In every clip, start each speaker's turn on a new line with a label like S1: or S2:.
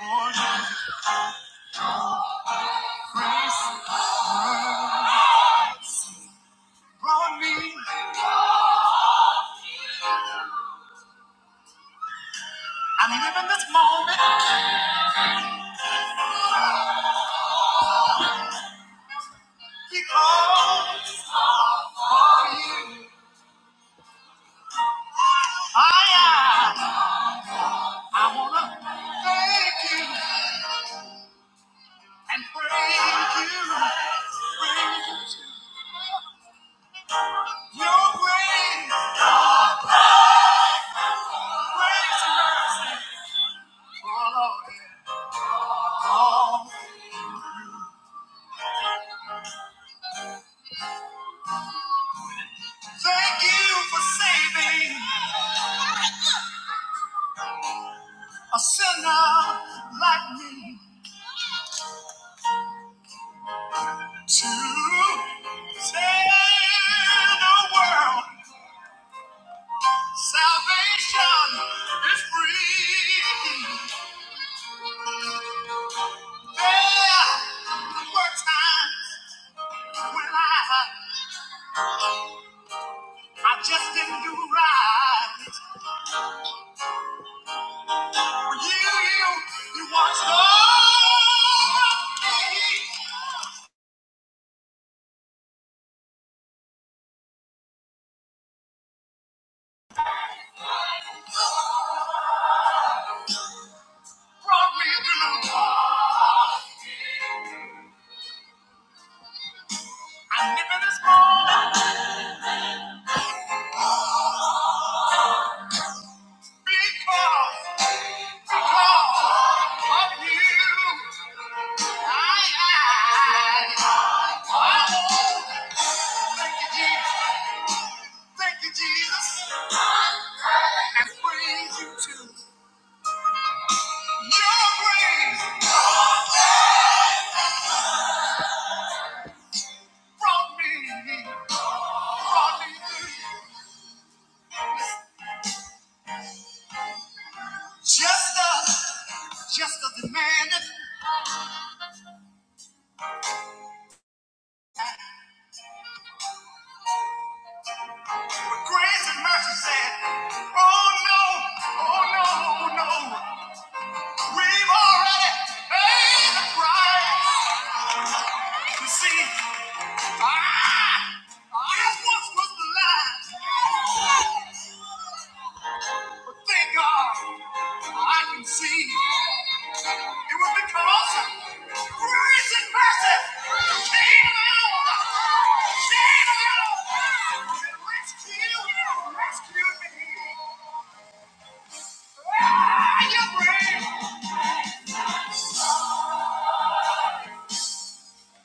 S1: All your grace brought me. I'm living this moment because of you. I, am. I wanna thank you and praise you. Your grace, grace and mercy. Oh, Lord. Oh, thank you for saving a sinner like me to save the world. Salvation is free. There were times when I, I just didn't do right. You, you, you watched over me, brought me through. I'm living this moment because, because of you. I, I, I thank you, Jesus. Thank you, Jesus. and praise you too. Your grace brought me, brought me Just a, just a demand that grace and mercy said, oh no, oh no, oh, no, we've already paid the price. You see, I, I once was blind, but thank God I can see. It will because Christ is present. Chain of hell. Chain of hell. Rescue, rescue me. Ah, your grace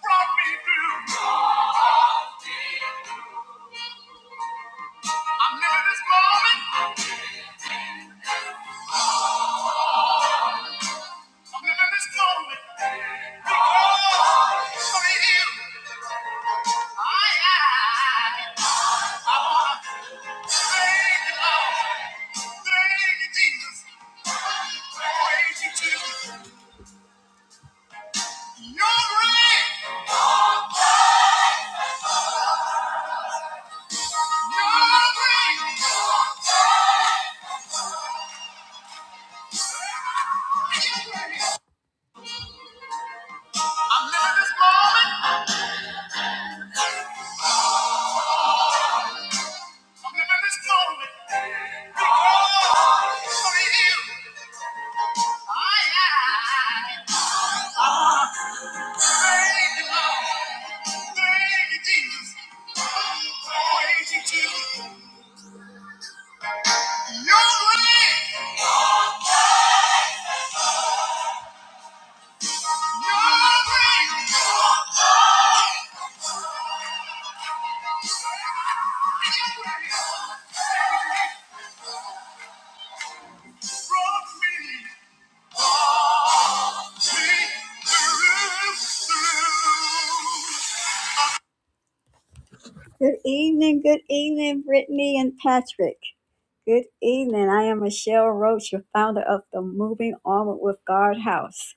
S1: brought me through. I'm living this moment. I'm living this moment. Because of you, I am. I want to thank you, Lord. Thank you, Jesus. Praise you, Jesus. You're great. I'm living this moment. I'm living this moment. Because of you, I am. Thank you, Lord. Thank you, Jesus. Praise you to your grace. Your grace. Brought me. Good evening, good evening, Brittany and Patrick. Good evening. I am Michelle Roach, your founder of the Moving Onward with God House.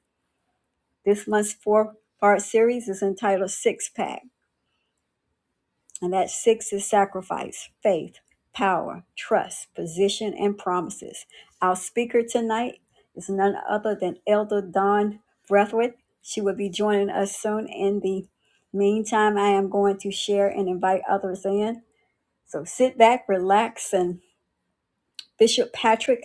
S1: This month's four part series is entitled Six Pack. And that six is sacrifice, faith, power, trust, position, and promises. Our speaker tonight is none other than Elder Dawn Breathwood. She will be joining us soon. In the meantime, I am going to share and invite others in. So sit back, relax, and Bishop Patrick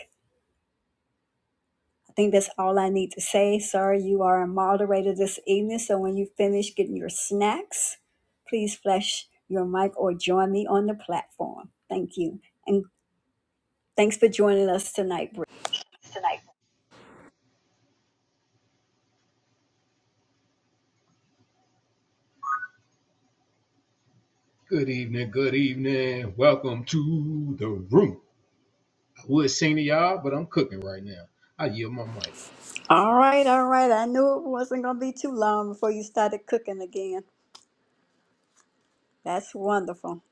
S1: I think that's all I need to say. Sir, you are a moderator this evening, so when you finish getting your snacks, please flash your mic or join me on the platform. Thank you. And thanks for joining us tonight, Bri.
S2: tonight. Good evening, good evening. Welcome to the room. I would sing to y'all, but I'm cooking right now. I yield my mic.
S1: All right, all right. I knew it wasn't going to be too long before you started cooking again. That's wonderful.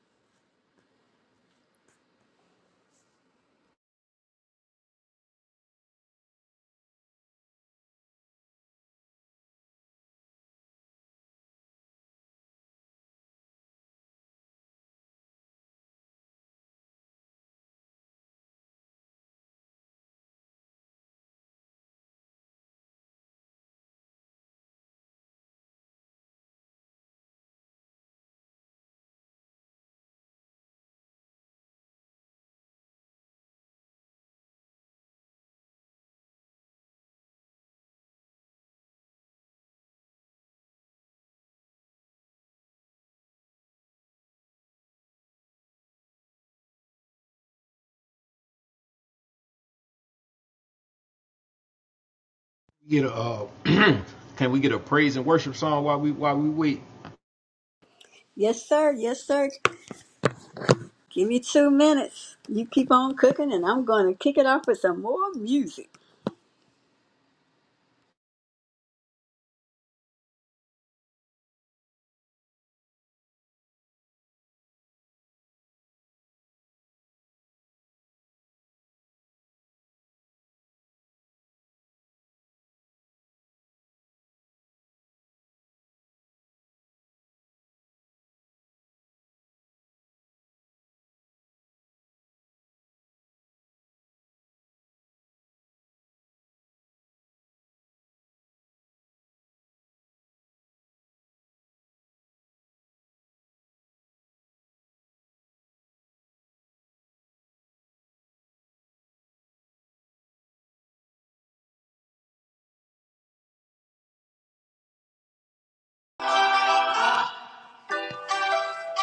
S2: Get a uh, can we get a praise and worship song while we while we wait?
S1: Yes, sir. Yes, sir. Give me two minutes. You keep on cooking, and I'm going to kick it off with some more music.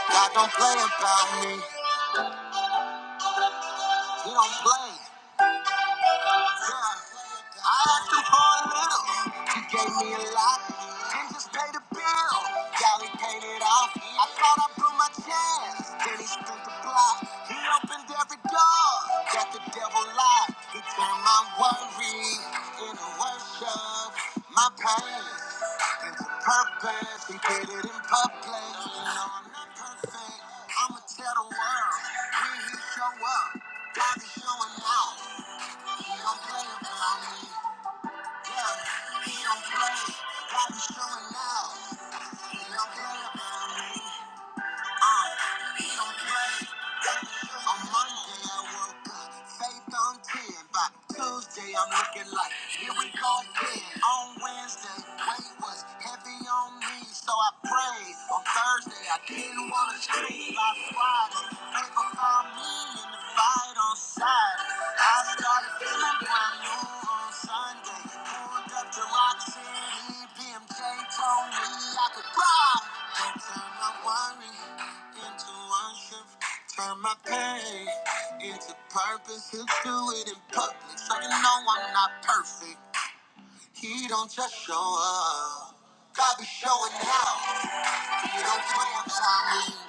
S1: God don't play about me. He don't play. I asked him for a little, he gave me a lot. Then just paid the bill, y'all he paid it off. I thought I blew my chance, then he spent the block. He opened every door that the devil locked. He turned my worry into worship, my pain into purpose. He did it in public. You know I'm not perfect. I'ma tell the world when he show up, God is showing out. He don't play around me. Yeah, he don't play. God is showing now. He don't play around me. Uh, he don't play. On Monday I woke up, faith on 10. By Tuesday I'm looking like, here we go again. On Wednesday, weight was heavy on me, so I prayed. On Thursday I didn't want to sleep. By Friday, favor found me in the fight on side. I started feeling brand new on Sunday. Pulled up to Roxanne, BMJ told me I could ride. Don't turn my worry into worship. Turn my pain into purpose. He'll do it in public, so you know I'm not perfect. He don't just show up. God be showing out. He don't play with time.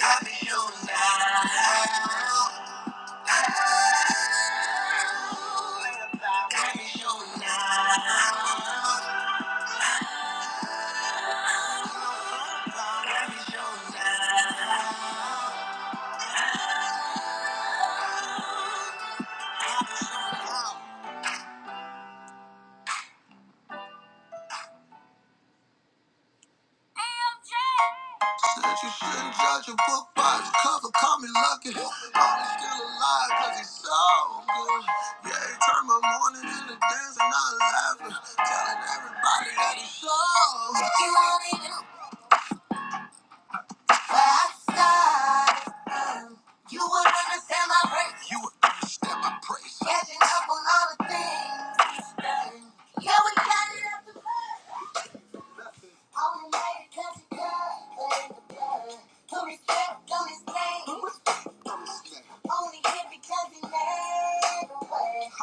S1: Got me showing now. Got me showing now. Got me showing now. Said you shouldn't judge a book by its cover, call me lucky. I'm still alive cause it's so good. Yeah, he turned my morning into dance and I'm laughing. Telling everybody that it's so good. If you only five stars, you would understand my praise. You would understand my praise. Catching up on all the things. he's done. Yeah, we got it up to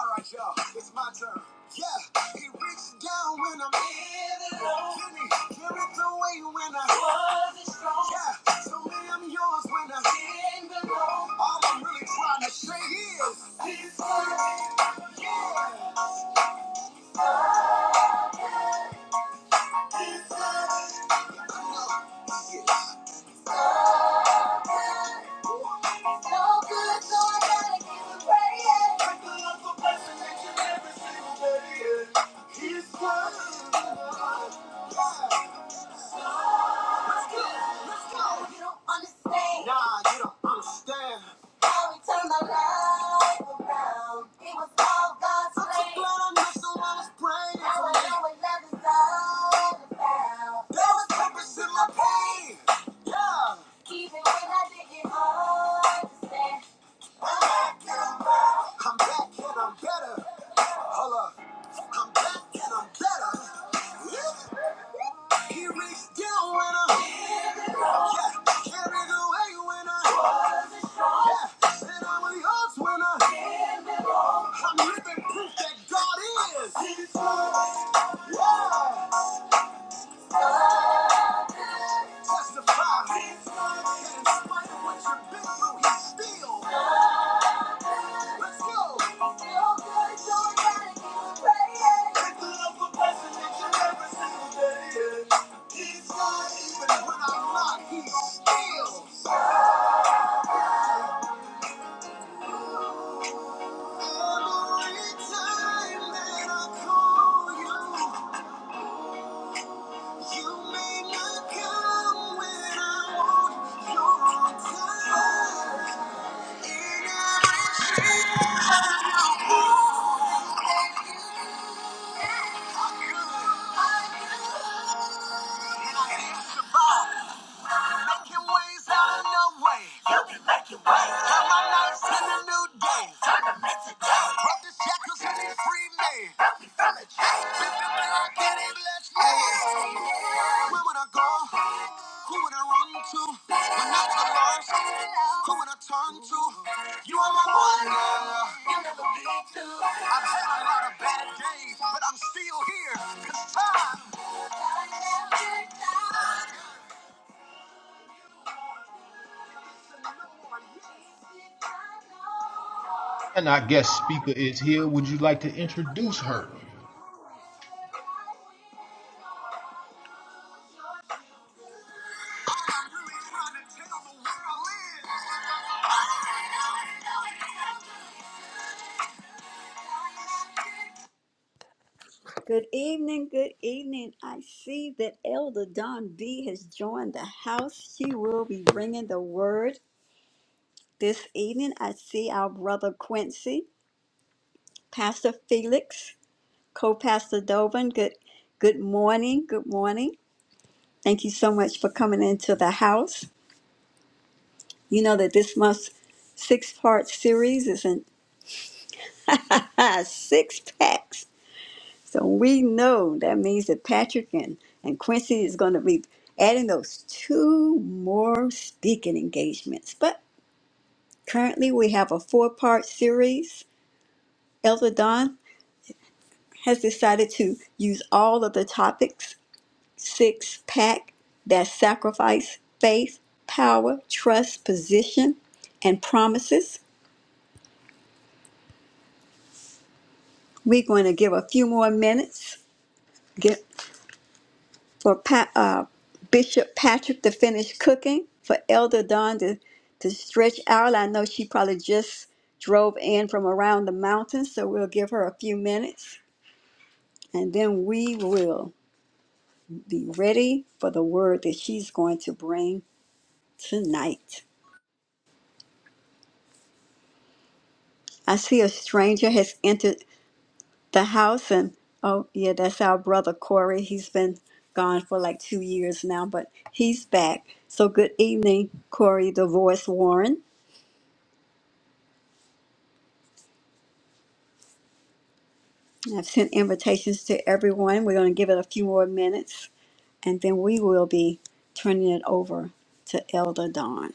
S1: Alright, y'all, it's my turn. Yeah, it reaches down when I'm feeling low. Can it give me, give it away when I wasn't strong? Yeah, so me, I'm yours when I feel below. All I'm really trying to say is. Even when I didn't understand I'm back and I'm better. Hold up. I'm back and I'm better. Yeah. He reached down when I yeah. carried away when I yeah. said I'm yours when I I'm living proof that God is. Yeah. Testify. that In spite of what you've been through, he's still. Let's go. Feel good, so I gotta keep praying. the love for blessing each every single day. Yeah. Making ways out of no way. Turn my nights into new days. Brought the shackles and they free me. Been man I get it, bless me. Where would I go? Who would I run to? When I was lost, who would I turn to? You are my one love. You'll never be two. I've had a lot of bad days, but I'm still here. Cause time.
S2: And our guest speaker is here. Would you like to introduce her?
S1: Good evening, good evening. I see that Elder Don B has joined the house. She will be bringing the word this evening. I see our brother Quincy, Pastor Felix. Co-Pastor Dovin, good good morning. Good morning. Thank you so much for coming into the house. You know that this month's six-part series is in six packs. So we know that means that Patrick and, and Quincy is going to be adding those two more speaking engagements. But currently we have a four-part series. Elder Don has decided to use all of the topics six pack that sacrifice faith, power, trust, position, and promises. We're going to give a few more minutes get for pa- uh, Bishop Patrick to finish cooking, for Elder Don to, to stretch out. I know she probably just drove in from around the mountain, so we'll give her a few minutes and then we will be ready for the word that she's going to bring tonight. I see a stranger has entered the house and oh yeah that's our brother corey he's been gone for like two years now but he's back so good evening corey the voice warren i've sent invitations to everyone we're going to give it a few more minutes and then we will be turning it over to elder don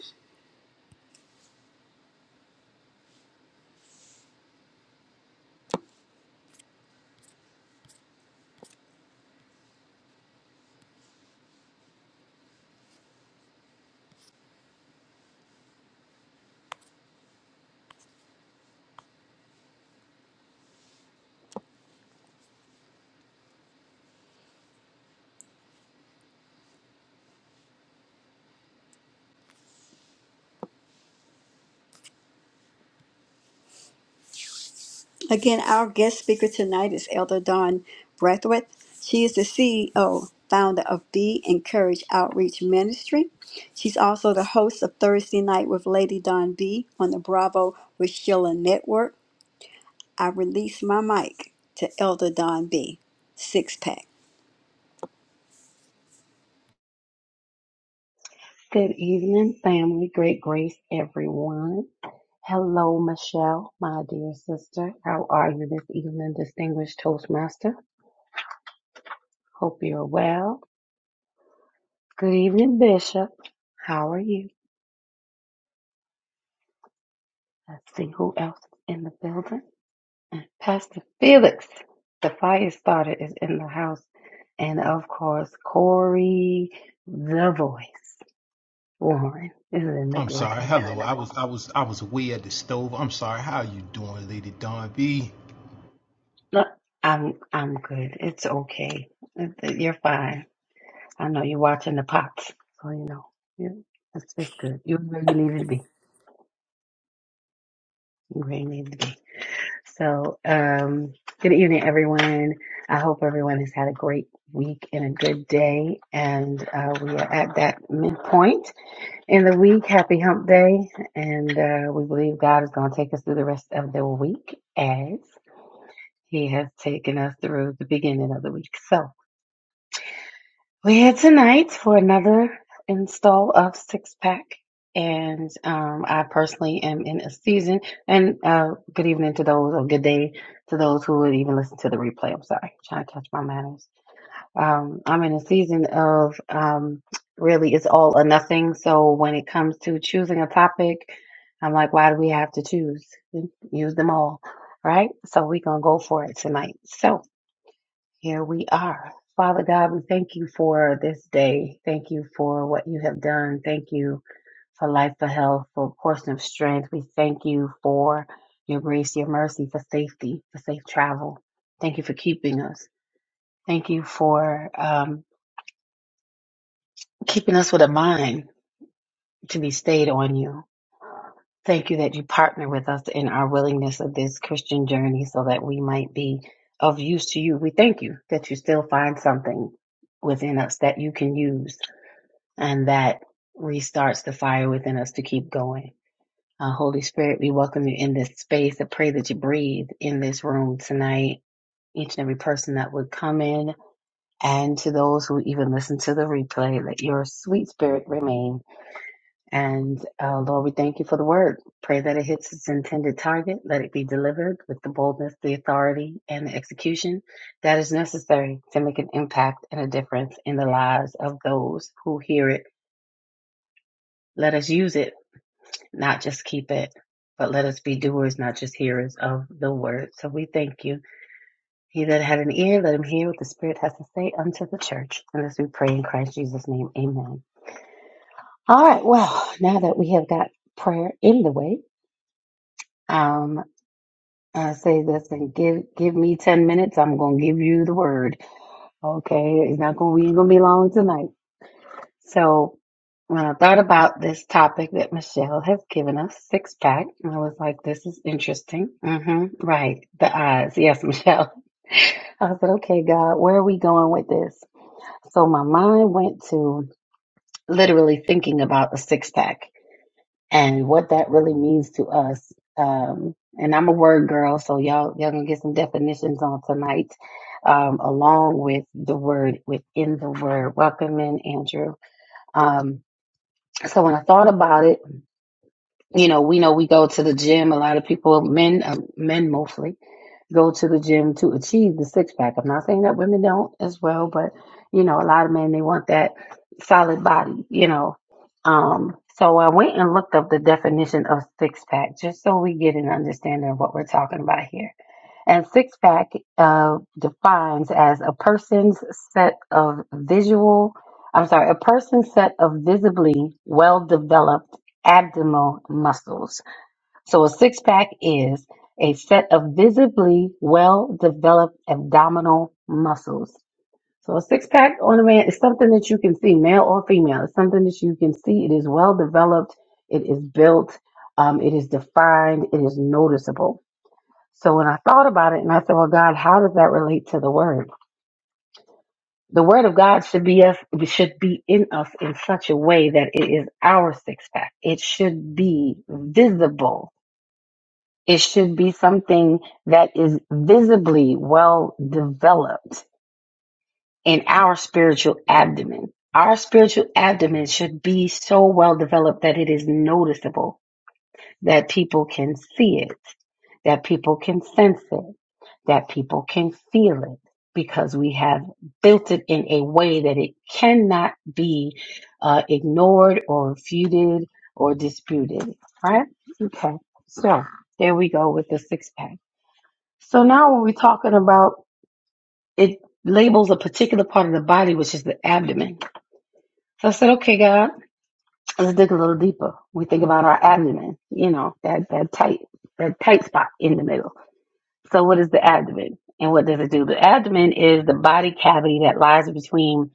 S1: Again, our guest speaker tonight is Elder Dawn Breathwaite. She is the CEO, founder of Be Encouraged Outreach Ministry. She's also the host of Thursday Night with Lady Dawn B on the Bravo with Sheila Network. I release my mic to Elder Dawn B. Six pack.
S3: Good evening, family. Great grace, everyone. Hello, Michelle, my dear sister. How are you this evening, distinguished Toastmaster? Hope you're well. Good evening, Bishop. How are you? Let's see who else is in the building. And Pastor Felix, the fire starter, is in the house. And of course, Corey, the voice, Warren, is in the
S2: I'm sorry.
S3: building.
S2: Hello. I was I was I was away at the stove. I'm sorry. How are you doing, Lady Don B?
S3: Look, I'm I'm good. It's okay. You're fine. I know you're watching the pots, so you know. Yeah, that's that's good. You're where you needed to be. You're where you needed to be. So, um, good evening, everyone. I hope everyone has had a great week and a good day. And uh, we are at that midpoint in the week. Happy Hump Day, and uh, we believe God is going to take us through the rest of the week as He has taken us through the beginning of the week. So. We're here tonight for another install of Six Pack. And um, I personally am in a season. And uh, good evening to those, or good day to those who would even listen to the replay. I'm sorry, trying to catch my manners. Um, I'm in a season of um, really it's all or nothing. So when it comes to choosing a topic, I'm like, why do we have to choose? Use them all, right? So we're going to go for it tonight. So here we are. Father God, we thank you for this day. Thank you for what you have done. Thank you for life, for health, for a portion of strength. We thank you for your grace, your mercy, for safety, for safe travel. Thank you for keeping us. Thank you for um, keeping us with a mind to be stayed on you. Thank you that you partner with us in our willingness of this Christian journey so that we might be of use to you. We thank you that you still find something within us that you can use and that restarts the fire within us to keep going. Uh, Holy Spirit, we welcome you in this space. I pray that you breathe in this room tonight, each and every person that would come in, and to those who even listen to the replay, let your sweet spirit remain. And uh, Lord, we thank you for the word. Pray that it hits its intended target. Let it be delivered with the boldness, the authority, and the execution that is necessary to make an impact and a difference in the lives of those who hear it. Let us use it, not just keep it, but let us be doers, not just hearers of the word. So we thank you. He that had an ear, let him hear what the Spirit has to say unto the church. And as we pray in Christ Jesus' name, amen. All right, well, now that we have got prayer in the way, um. I say this and give give me ten minutes. I'm gonna give you the word. Okay, it's not gonna we ain't gonna be long tonight. So when I thought about this topic that Michelle has given us, six pack, I was like, this is interesting. hmm Right, the eyes. Yes, Michelle. I said, okay, God, where are we going with this? So my mind went to literally thinking about a six pack and what that really means to us. Um, and I'm a word girl, so y'all y'all gonna get some definitions on tonight, um, along with the word within the word. Welcome in, Andrew. Um, so when I thought about it, you know, we know we go to the gym. A lot of people, men, uh, men mostly, go to the gym to achieve the six pack. I'm not saying that women don't as well, but you know, a lot of men they want that solid body, you know. Um, so I went and looked up the definition of six pack just so we get an understanding of what we're talking about here. And six pack uh, defines as a person's set of visual, I'm sorry, a person's set of visibly well developed abdominal muscles. So a six pack is a set of visibly well developed abdominal muscles. So a six pack on a man is something that you can see, male or female. It's something that you can see. It is well developed. It is built. Um, it is defined. It is noticeable. So when I thought about it and I said, well, God, how does that relate to the word? The word of God should be us, should be in us in such a way that it is our six pack. It should be visible. It should be something that is visibly well developed in our spiritual abdomen. Our spiritual abdomen should be so well developed that it is noticeable that people can see it, that people can sense it, that people can feel it, because we have built it in a way that it cannot be uh, ignored or refuted or disputed. Right? Okay. So there we go with the six pack. So now when we're talking about it labels a particular part of the body, which is the abdomen. So I said, okay, God let's dig a little deeper. We think about our abdomen, you know, that, that tight, that tight spot in the middle. So what is the abdomen and what does it do? The abdomen is the body cavity that lies between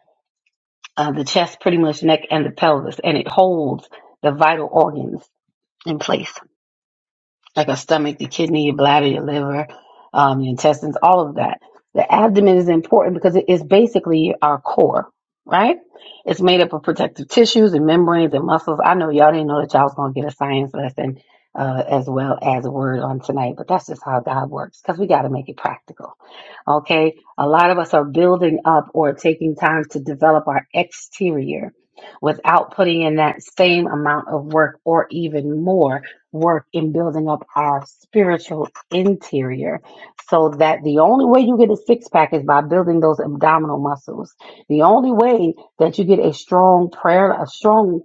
S3: uh, the chest, pretty much neck and the pelvis, and it holds the vital organs in place like a stomach, the kidney, your bladder, your liver, um, your intestines, all of that. The abdomen is important because it is basically our core, right? It's made up of protective tissues and membranes and muscles. I know y'all didn't know that y'all was gonna get a science lesson uh, as well as a word on tonight, but that's just how God works because we got to make it practical. Okay, a lot of us are building up or taking time to develop our exterior without putting in that same amount of work or even more work in building up our spiritual interior so that the only way you get a six pack is by building those abdominal muscles. The only way that you get a strong prayer, a strong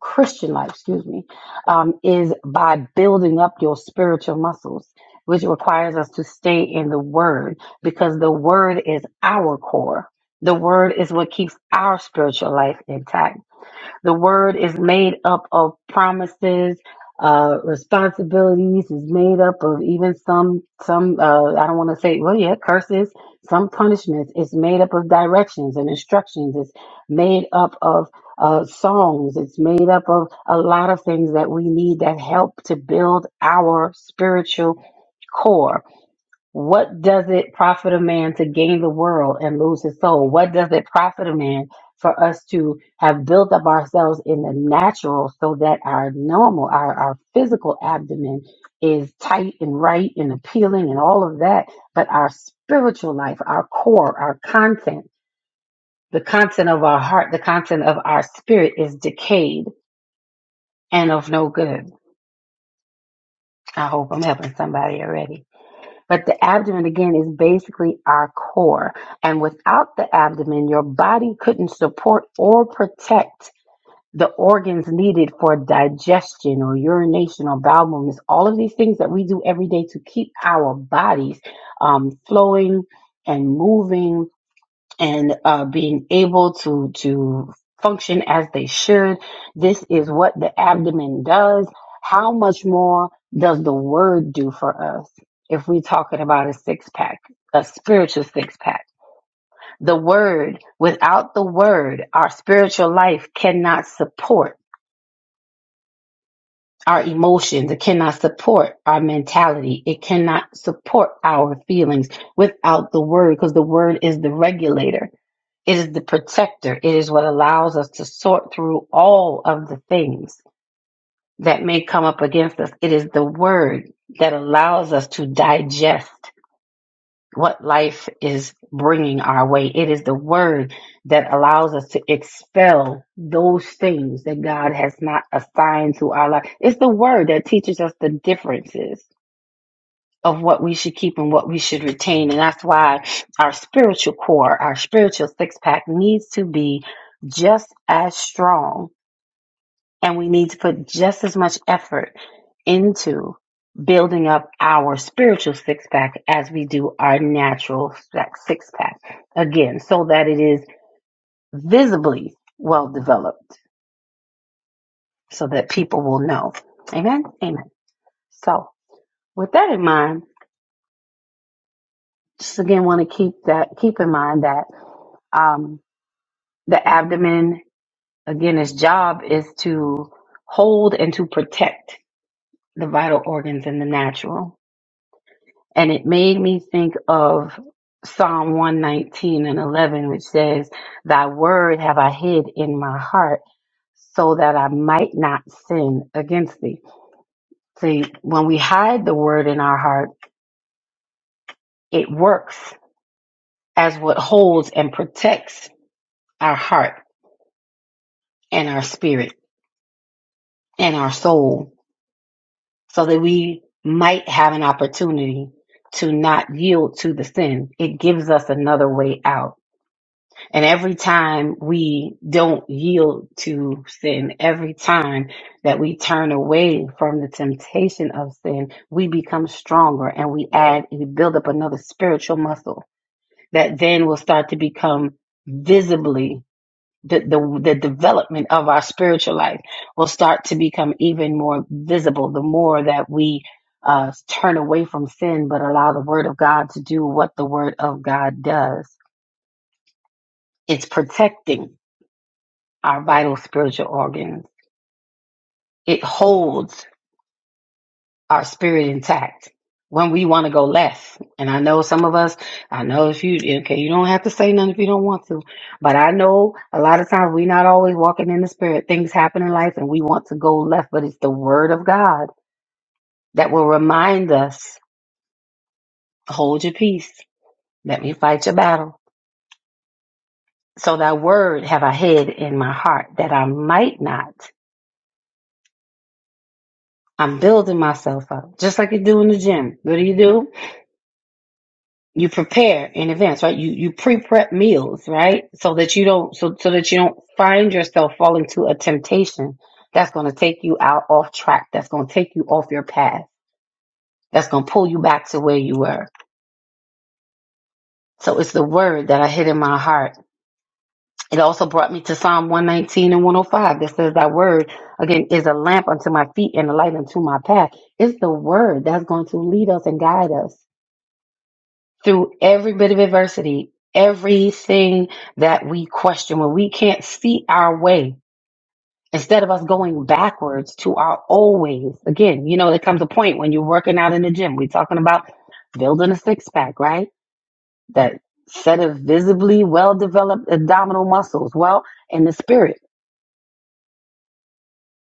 S3: Christian life, excuse me, um, is by building up your spiritual muscles, which requires us to stay in the word because the word is our core. The word is what keeps our spiritual life intact the word is made up of promises, uh, responsibilities. Is made up of even some some. Uh, I don't want to say well, yeah, curses, some punishments. It's made up of directions and instructions. It's made up of uh, songs. It's made up of a lot of things that we need that help to build our spiritual core what does it profit a man to gain the world and lose his soul? What does it profit a man for us to have built up ourselves in the natural so that our normal, our, our physical abdomen is tight and right and appealing and all of that? But our spiritual life, our core, our content, the content of our heart, the content of our spirit is decayed and of no good. I hope I'm helping somebody already. But the abdomen, again, is basically our core. And without the abdomen, your body couldn't support or protect the organs needed for digestion or urination or bowel movements, all of these things that we do every day to keep our bodies um, flowing and moving and uh, being able to to function as they should. This is what the abdomen does. How much more does the word do for us if we're talking about a six pack, a spiritual six pack? The word, without the word, our spiritual life cannot support our emotions. It cannot support our mentality. It cannot support our feelings without the word because the word is the regulator It is the protector. It is what allows us to sort through all of the things that may come up against us. It is the word that allows us to digest what life is bringing our way. It is the word that allows us to expel those things that God has not assigned to our life. It's the word that teaches us the differences of what we should keep and what we should retain. And that's why our spiritual core, our spiritual six pack needs to be just as strong. And we need to put just as much effort into building up our spiritual six pack as we do our natural six pack again, so that it is visibly well developed so that people will know. Amen. Amen. So with that in mind, just again want to keep that, keep in mind that, um, The abdomen, again, its job is to hold and to protect the vital organs in the natural. And it made me think of Psalm 119 and 11, which says, Thy word have I hid in my heart so that I might not sin against thee. See, when we hide the word in our heart, it works as what holds and protects our heart and our spirit and our soul so that we might have an opportunity to not yield to the sin. It gives us another way out. And every time we don't yield to sin, every time that we turn away from the temptation of sin, we become stronger and we add and we build up another spiritual muscle that then will start to become visibly the, the the development of our spiritual life will start to become even more visible the more that we uh, turn away from sin but allow the word of god to do what the word of god does it's protecting our vital spiritual organs it holds our spirit intact when we want to go left. And I know some of us, I know if you, okay, you don't have to say nothing if you don't want to, but I know a lot of times we're not always walking in the spirit. Things happen in life and we want to go left, but it's the word of God that will remind us, hold your peace. Let me fight your battle. So thy word have I hid in my heart that I might not. I'm building myself up, just like you do in the gym. What do you do? you prepare in advance, right? You you pre-prep meals, right? So that you don't so so that you don't find yourself falling to a temptation that's going to take you out off track. That's going to take you off your path. That's going to pull you back to where you were. So it's the word that I hid in my heart. It also brought me to Psalm 119 and 105 that says, Thy word, again, is a lamp unto my feet and a light unto my path. It's the word that's going to lead us and guide us. through every bit of adversity, everything that we question, when we can't see our way, instead of us going backwards to our old ways, again, you know, there comes a point when you're working out in the gym. We're talking about building a six pack, right? That set of visibly well developed abdominal muscles. Well, in the spirit.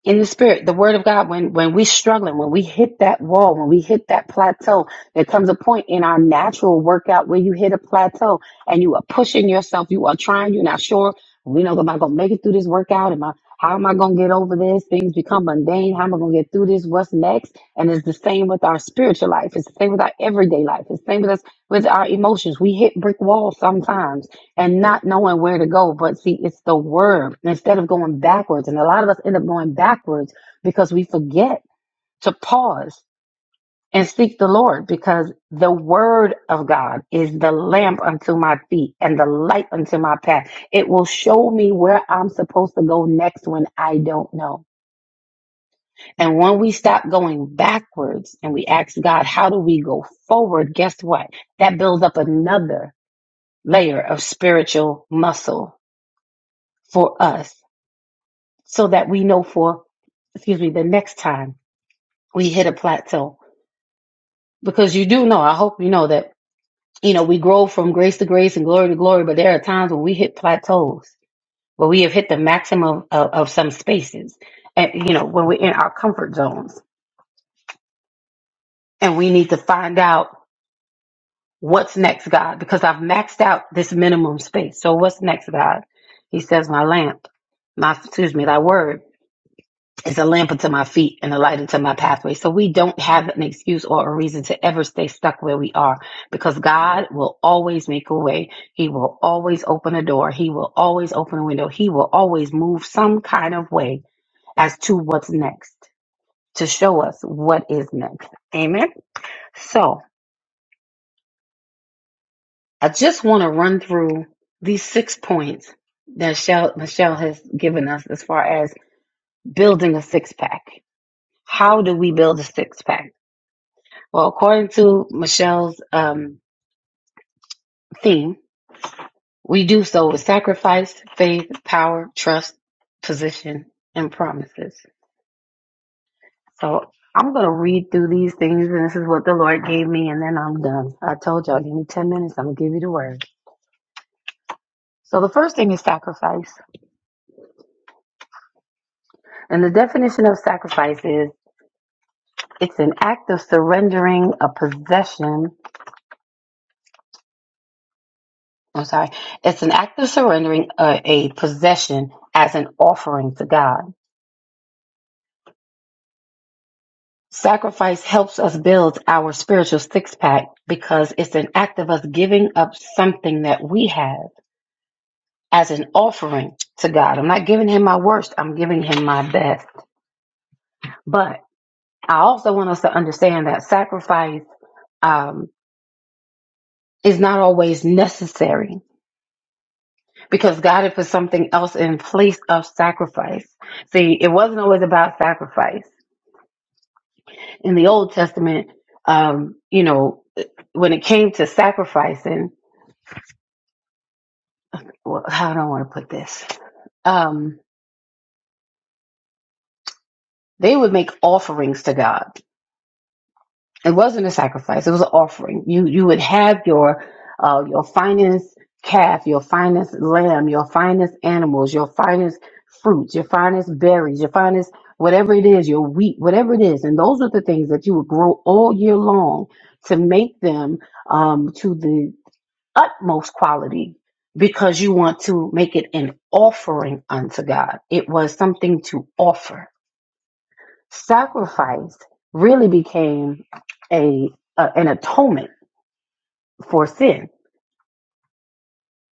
S3: in the spirit, the word of God, when when we struggling, when we hit that wall, when we hit that plateau, there comes a point in our natural workout where you hit a plateau and you are pushing yourself, you are trying, you're not sure, we know am I gonna make it through this workout? Am I how am I gonna get over this? Things become mundane. How am I gonna get through this? What's next? And it's the same with our spiritual life, it's the same with our everyday life, it's the same with us with our emotions. We hit brick walls sometimes and not knowing where to go. But see, it's the word instead of going backwards. And a lot of us end up going backwards because we forget to pause and seek the Lord because the word of God is the lamp unto my feet and the light unto my path. It will show me where I'm supposed to go next when I don't know. And when we stop going backwards and we ask God, how do we go forward? Guess what? That builds up another layer of spiritual muscle for us so that we know for, excuse me, the next time we hit a plateau. Because you do know, I hope you know that, you know, we grow from grace to grace and glory to glory, but there are times when we hit plateaus, where we have hit the maximum of, of some spaces and, you know, when we're in our comfort zones and we need to find out what's next, God, because I've maxed out this minimum space. So what's next, God? He says, my lamp, my, excuse me, thy word. is a lamp unto my feet and a light unto my pathway. So we don't have an excuse or a reason to ever stay stuck where we are because God will always make a way. He will always open a door. He will always open a window. He will always move some kind of way as to what's next to show us what is next. Amen. So I just want to run through these six points that Michelle, Michelle has given us as far as building a six pack. How do we build a six pack? Well, according to Michelle's um, theme, we do so with sacrifice, faith, power, trust, position, and promises. So I'm going to read through these things, and this is what the Lord gave me, and then I'm done. I told y'all, give me 10 minutes, I'm going to give you the word. So the first thing is sacrifice. And the definition of sacrifice is it's an act of surrendering a possession. I'm sorry. It's an act of surrendering a, a possession as an offering to God. Sacrifice helps us build our spiritual six pack because it's an act of us giving up something that we have as an offering to God. I'm not giving Him my worst, I'm giving Him my best. But I also want us to understand that sacrifice um, is not always necessary because God had put something else in place of sacrifice. See, it wasn't always about sacrifice. In the Old Testament, um, you know, when it came to sacrificing, well, how do I want to put this? Um, they would make offerings to God. It wasn't a sacrifice; it was an offering. You you would have your uh, your finest calf, your finest lamb, your finest animals, your finest fruits, your finest berries, your finest whatever it is, your wheat, whatever it is, and those are the things that you would grow all year long to make them um, to the utmost quality because you want to make it an offering unto God. It was something to offer. Sacrifice really became a, a an atonement for sin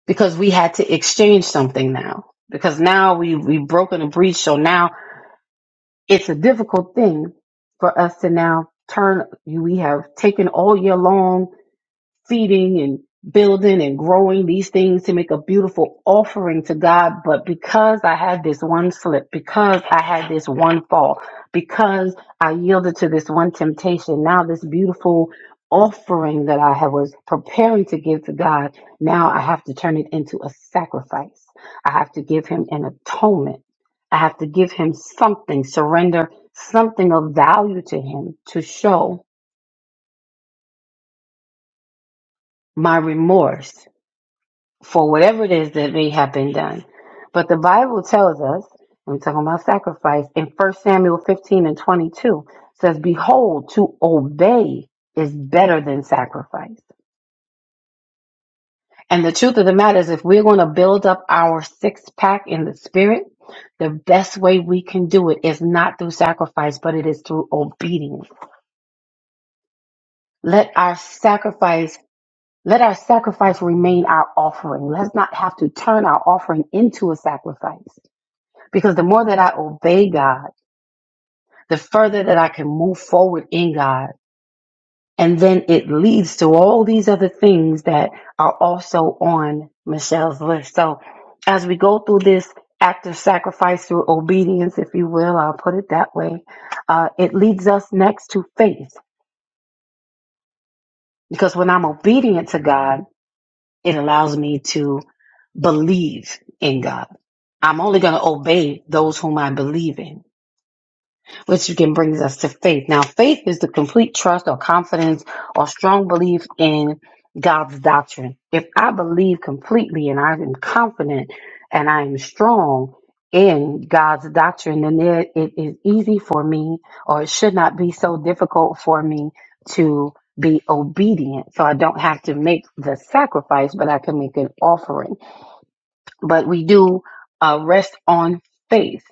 S3: because we had to exchange something now. Because now we we've broken a breach, so now it's a difficult thing for us to now turn. We have taken all year long feeding and building and growing these things to make a beautiful offering to God. But because I had this one slip, because I had this one fall, because I yielded to this one temptation, now this beautiful offering that I had- was preparing to give to God, now I have to turn it into a sacrifice. I have to give Him an atonement. I have to give Him something, surrender something of value to Him to show my remorse for whatever it is that may have been done. But the Bible tells us, and we're talking about sacrifice, in First Samuel 15 and 22, says, Behold, to obey is better than sacrifice. And the truth of the matter is, if we're going to build up our six pack in the spirit, the best way we can do it is not through sacrifice, but it is through obedience. Let our sacrifice let our sacrifice remain our offering. Let's not have to turn our offering into a sacrifice. Because the more that I obey God, the further that I can move forward in God. And then it leads to all these other things that are also on Michelle's list. So as we go through this act of sacrifice through obedience, if you will, I'll put it that way, uh, it leads us next to faith. Because when I'm obedient to God, it allows me to believe in God. I'm only going to obey those whom I believe in. which again brings us to faith. Now, faith is the complete trust or confidence or strong belief in God's doctrine. If I believe completely and I am confident and I am strong in God's doctrine, then there, it is easy for me, or it should not be so difficult for me to be obedient. So I don't have to make the sacrifice, but I can make an offering. But we do uh, rest on faith.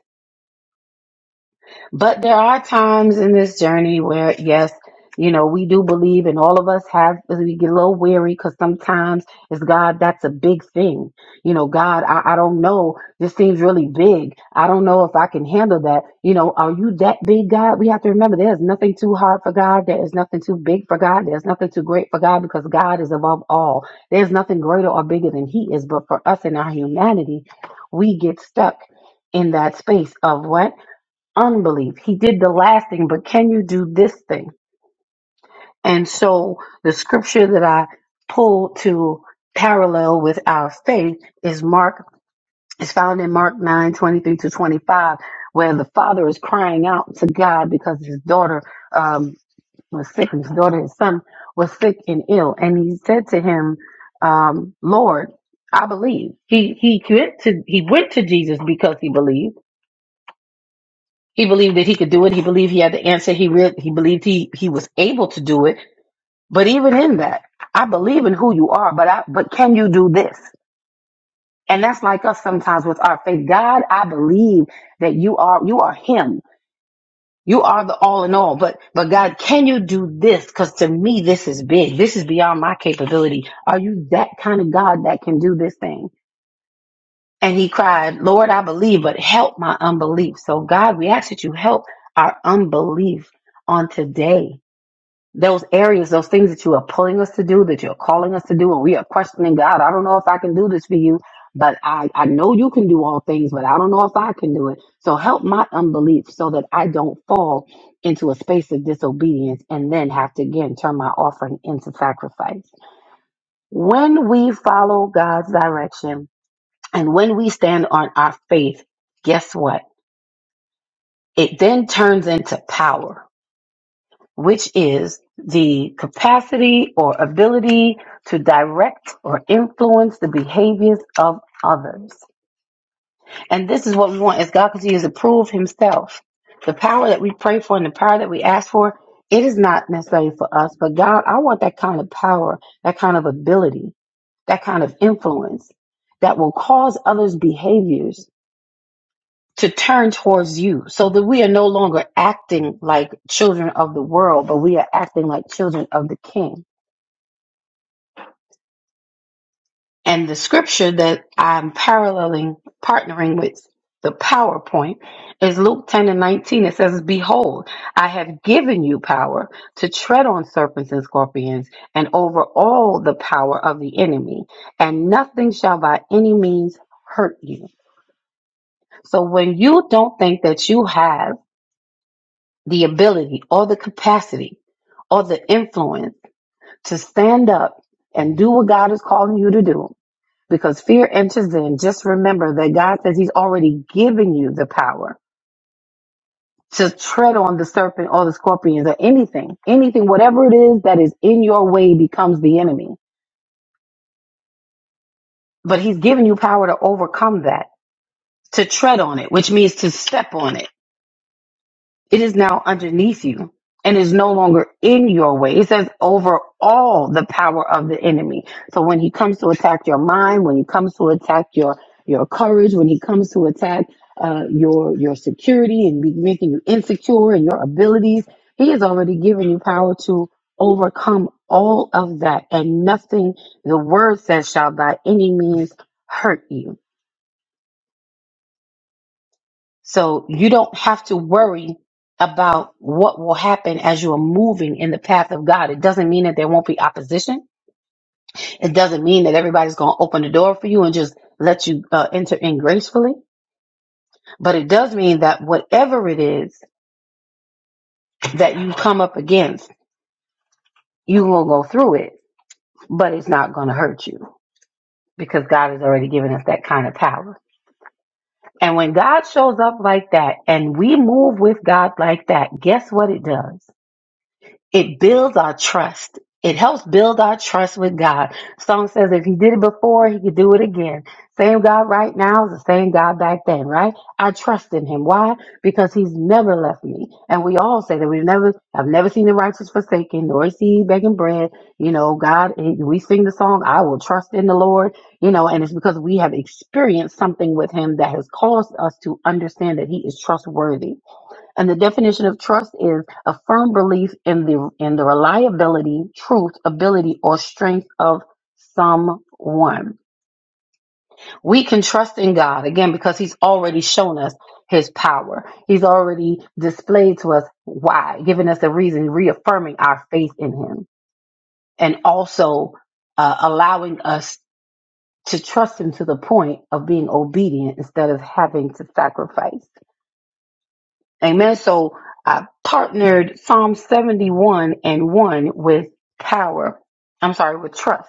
S3: But there are times in this journey where, yes, you know, we do believe, and all of us have, we get a little weary because sometimes it's God, that's a big thing. You know, God, I, I don't know. This seems really big. I don't know if I can handle that. You know, are you that big, God? We have to remember there's nothing too hard for God. There is nothing too big for God. There's nothing too great for God because God is above all. There's nothing greater or bigger than He is. But for us in our humanity, we get stuck in that space of what? unbelief. He did the last thing, but can you do this thing? And so the scripture that I pulled to parallel with our faith is Mark is found in Mark 9 23 to 25, where the father is crying out to God because his daughter um, was sick, his daughter, his son was sick and ill. And he said to him, um, Lord, I believe. He he went to he went to Jesus because he believed He believed that he could do it. He believed he had the answer. He re- he believed he he was able to do it. But even in that, I believe in who you are, but I but can you do this? And that's like us sometimes with our faith. God, I believe that you are you are him. You are the all in all. But but God, can you do this? Cuz to me this is big. This is beyond my capability. Are you that kind of God that can do this thing? And he cried, Lord, I believe, but help my unbelief. So, God, we ask that you help our unbelief on today. Those areas, those things that you are pulling us to do, that you're calling us to do, and we are questioning God. I don't know if I can do this for you, but I, I know you can do all things, but I don't know if I can do it. So help my unbelief so that I don't fall into a space of disobedience and then have to again turn my offering into sacrifice. When we follow God's direction, and when we stand on our faith, guess what? It then turns into power, which is the capacity or ability to direct or influence the behaviors of others. And this is what we want as God continues to prove himself. The power that we pray for and the power that we ask for, it is not necessarily for us, but God, I want that kind of power, that kind of ability, that kind of influence that will cause others' behaviors to turn towards you so that we are no longer acting like children of the world, but we are acting like children of the king. And the scripture that I'm paralleling, partnering with the PowerPoint is Luke 10 and 19. It says, Behold, I have given you power to tread on serpents and scorpions and over all the power of the enemy, and nothing shall by any means hurt you. So when you don't think that you have the ability or the capacity or the influence to stand up and do what God is calling you to do. Because fear enters in, just remember that God says He's already given you the power to tread on the serpent or the scorpions or anything, anything, whatever it is that is in your way becomes the enemy. But He's given you power to overcome that, to tread on it, which means to step on it It is now underneath you and is no longer in your way. It says over all the power of the enemy. So when he comes to attack your mind, when he comes to attack your your courage, when he comes to attack uh, your your security and be making you insecure and your abilities, he has already given you power to overcome all of that, and nothing the word says shall by any means hurt you. So you don't have to worry about what will happen as you are moving in the path of God. It doesn't mean that there won't be opposition. It doesn't mean that everybody's going to open the door for you and just let you uh, enter in gracefully. But it does mean that whatever it is that you come up against, you will go through it, but it's not going to hurt you because God has already given us that kind of power. And when God shows up like that and we move with God like that, guess what it does? it builds our trust. It helps build our trust with God. Song says if he did it before, he could do it again. Same God right now is the same God back then, right? I trust in him. Why? Because he's never left me. And we all say that we've never, I've never seen the righteous forsaken, nor is he begging bread. You know, God, we sing the song, I will trust in the Lord, you know, and it's because we have experienced something with him that has caused us to understand that he is trustworthy and the definition of trust is a firm belief in the in the reliability, truth, ability, or strength of someone. We can trust in God again because He's already shown us His power. He's already displayed to us why, giving us a reason, reaffirming our faith in Him, and also uh, allowing us to trust Him to the point of being obedient instead of having to sacrifice. Amen. So I partnered Psalm 71 and 1 with power. I'm sorry, with trust,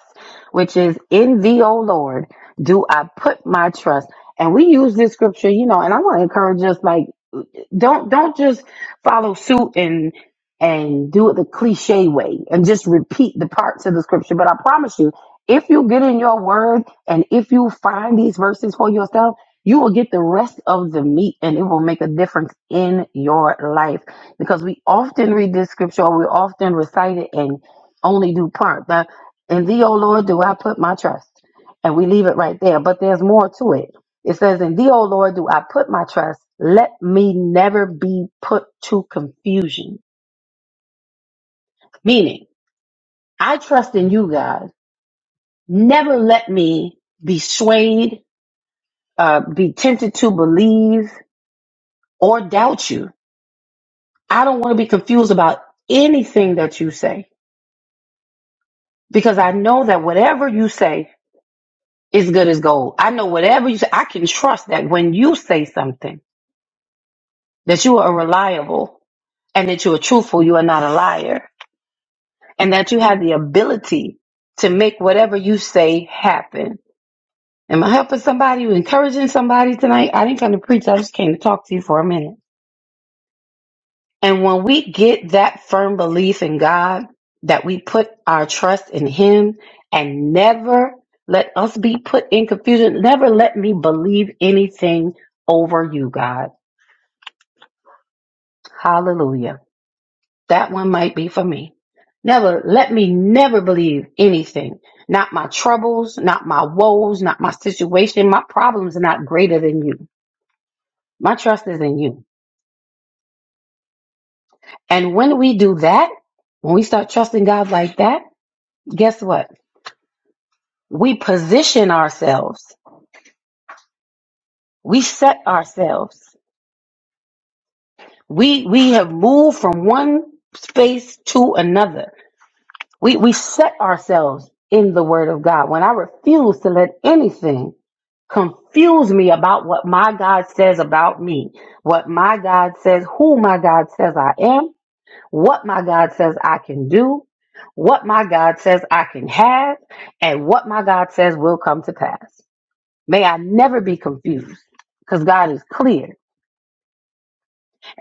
S3: which is in thee, O Lord, do I put my trust. And we use this scripture, you know, and I want to encourage us like, don't don't just follow suit and and do it the cliche way and just repeat the parts of the scripture. But I promise you, if you get in your word and if you find these verses for yourself, you will get the rest of the meat and it will make a difference in your life. Because we often read this scripture or we often recite it and only do part. The in thee, O Lord, do I put my trust. And we leave it right there. But there's more to it it says, In thee, O Lord, do I put my trust. Let me never be put to confusion. Meaning, I trust in you, God. Never let me be swayed, uh, be tempted to believe or doubt you. I don't want to be confused about anything that you say because I know that whatever you say is good as gold. I know whatever you say, I can trust that when you say something, that you are reliable and that you are truthful, you are not a liar and that you have the ability to make whatever you say happen. Am I helping somebody, encouraging somebody tonight? I didn't come to preach. I just came to talk to you for a minute. And when we get that firm belief in God, that we put our trust in Him and never let us be put in confusion, never let me believe anything over you, God. Hallelujah. That one might be for me. Never, let me never believe anything. Not my troubles, not my woes, not my situation. My problems are not greater than you. My trust is in you. And when we do that, when we start trusting God like that, guess what? We position ourselves. We set ourselves. We, we have moved from one space to another We we set ourselves in the word of God. When I refuse to let anything confuse me about what my God says about me, what my God says, who my God says I am, what my God says I can do, what my God says I can have, and what my God says will come to pass. May I never be confused because God is clear.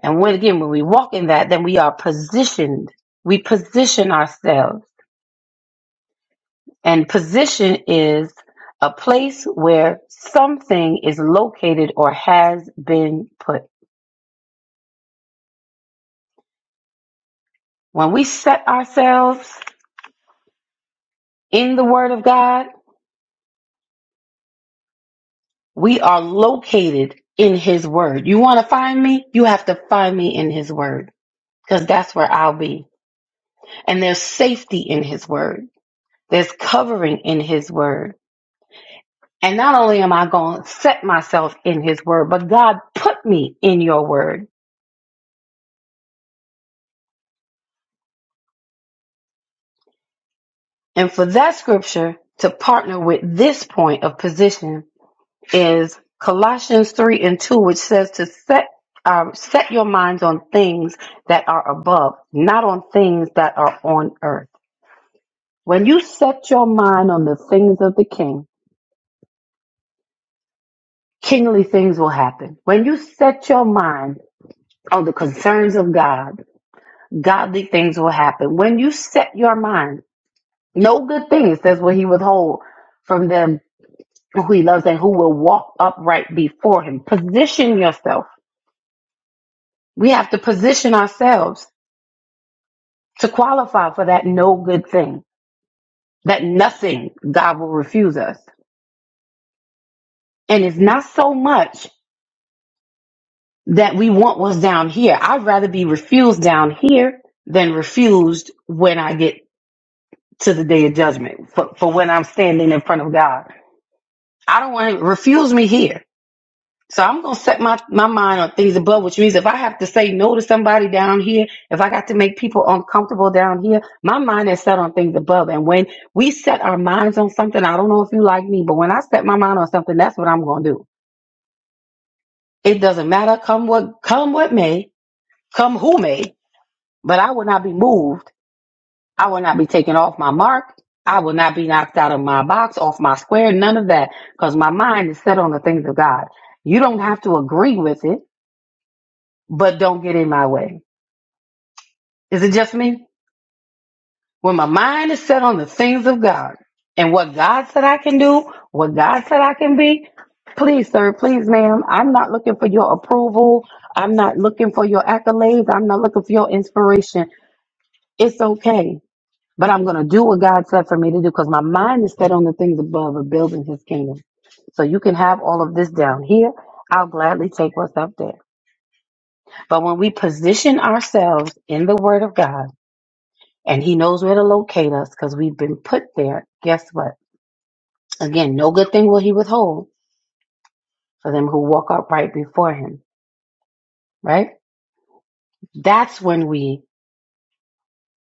S3: And when again, when we walk in that, then we are positioned. We position ourselves And position is a place where something is located or has been put. When we set ourselves in the Word of God, we are located in His Word. You want to find me? You have to find me in His Word because that's where I'll be. And there's safety in His Word, there's covering in His Word. And not only am I going to set myself in His Word, but God put me in your Word. And for that scripture to partner with this point of position is Colossians 3 and 2, which says to set um, set your minds on things that are above, not on things that are on earth. When you set your mind on the things of the king, kingly things will happen. When you set your mind on the concerns of God, godly things will happen. When you set your mind, no good thing, it says, will he withhold from them who he loves and who will walk upright before him. Position yourself. We have to position ourselves to qualify for that no good thing, that nothing God will refuse us. And it's not so much that we want what's down here. I'd rather be refused down here than refused when I get to the day of judgment for, for when I'm standing in front of God. I don't want him to refuse me here So I'm gonna set my, my mind on things above, which means if I have to say no to somebody down here, if I got to make people uncomfortable down here, my mind is set on things above. And when we set our minds on something, I don't know if you like me, but when I set my mind on something, that's what I'm gonna do. It doesn't matter, come what come what may, come who may, but I will not be moved. I will not be taken off my mark. I will not be knocked out of my box, off my square, none of that, because my mind is set on the things of God. You don't have to agree with it. but don't get in my way. Is it just me? When my mind is set on the things of God and what God said I can do, what God said I can be, please, sir, please, ma'am, I'm not looking for your approval. I'm not looking for your accolades. I'm not looking for your inspiration. It's okay. But I'm going to do what God said for me to do because my mind is set on the things above of building his kingdom. So you can have all of this down here. I'll gladly take what's up there. But when we position ourselves in the word of God, and he knows where to locate us because we've been put there. Guess what? Again, no good thing will he withhold for them who walk upright before him, right? That's when we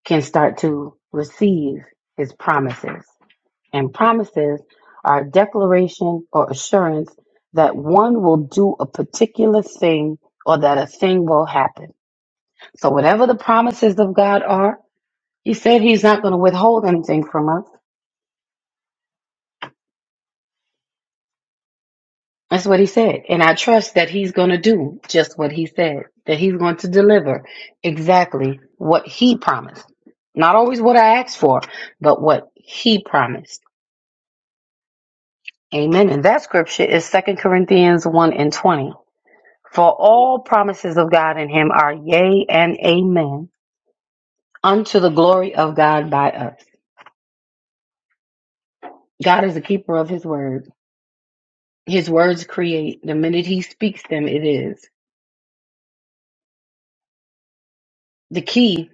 S3: can start to receive his promises. And promises are a declaration or assurance that one will do a particular thing or that a thing will happen. So whatever the promises of God are, he said he's not going to withhold anything from us. That's what he said. And I trust that he's going to do just what he said, that he's going to deliver exactly what he promised. Not always what I asked for, but what he promised. Amen. And that scripture is Second Corinthians 1 and 20. For all promises of God in him are yea and amen unto the glory of God by us. God is the keeper of his word. His words create. The minute he speaks them, it is. The key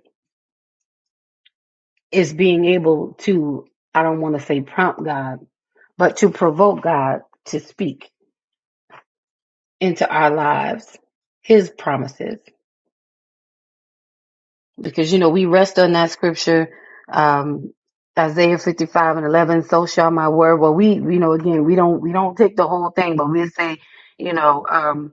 S3: is being able to, I don't want to say prompt God, but to provoke God to speak into our lives his promises. Because, you know, we rest on that scripture, um, Isaiah 55 and 11, so shall my word. Well, we, you know, again, we don't, we don't take the whole thing, but we say, you know, um,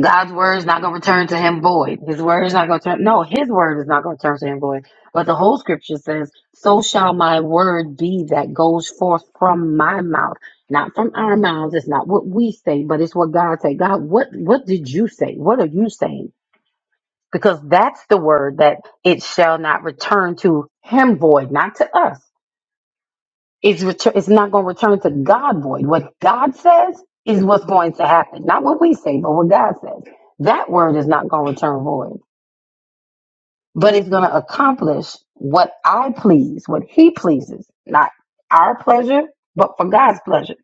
S3: God's word is not going to return to him void. His word is not going to turn. No, his word is not going to turn to him void. But the whole scripture says, So shall my word be that goes forth from my mouth. Not from our mouths. It's not what we say, but it's what God said. God, what, what did you say? What are you saying? Because that's the word that it shall not return to him void, not to us. It's, retur- it's not going to return to God void. What God says is what's going to happen. Not what we say, but what God says. That word is not going to return void, but it's going to accomplish what I please, what He pleases, not our pleasure, but for God's pleasure.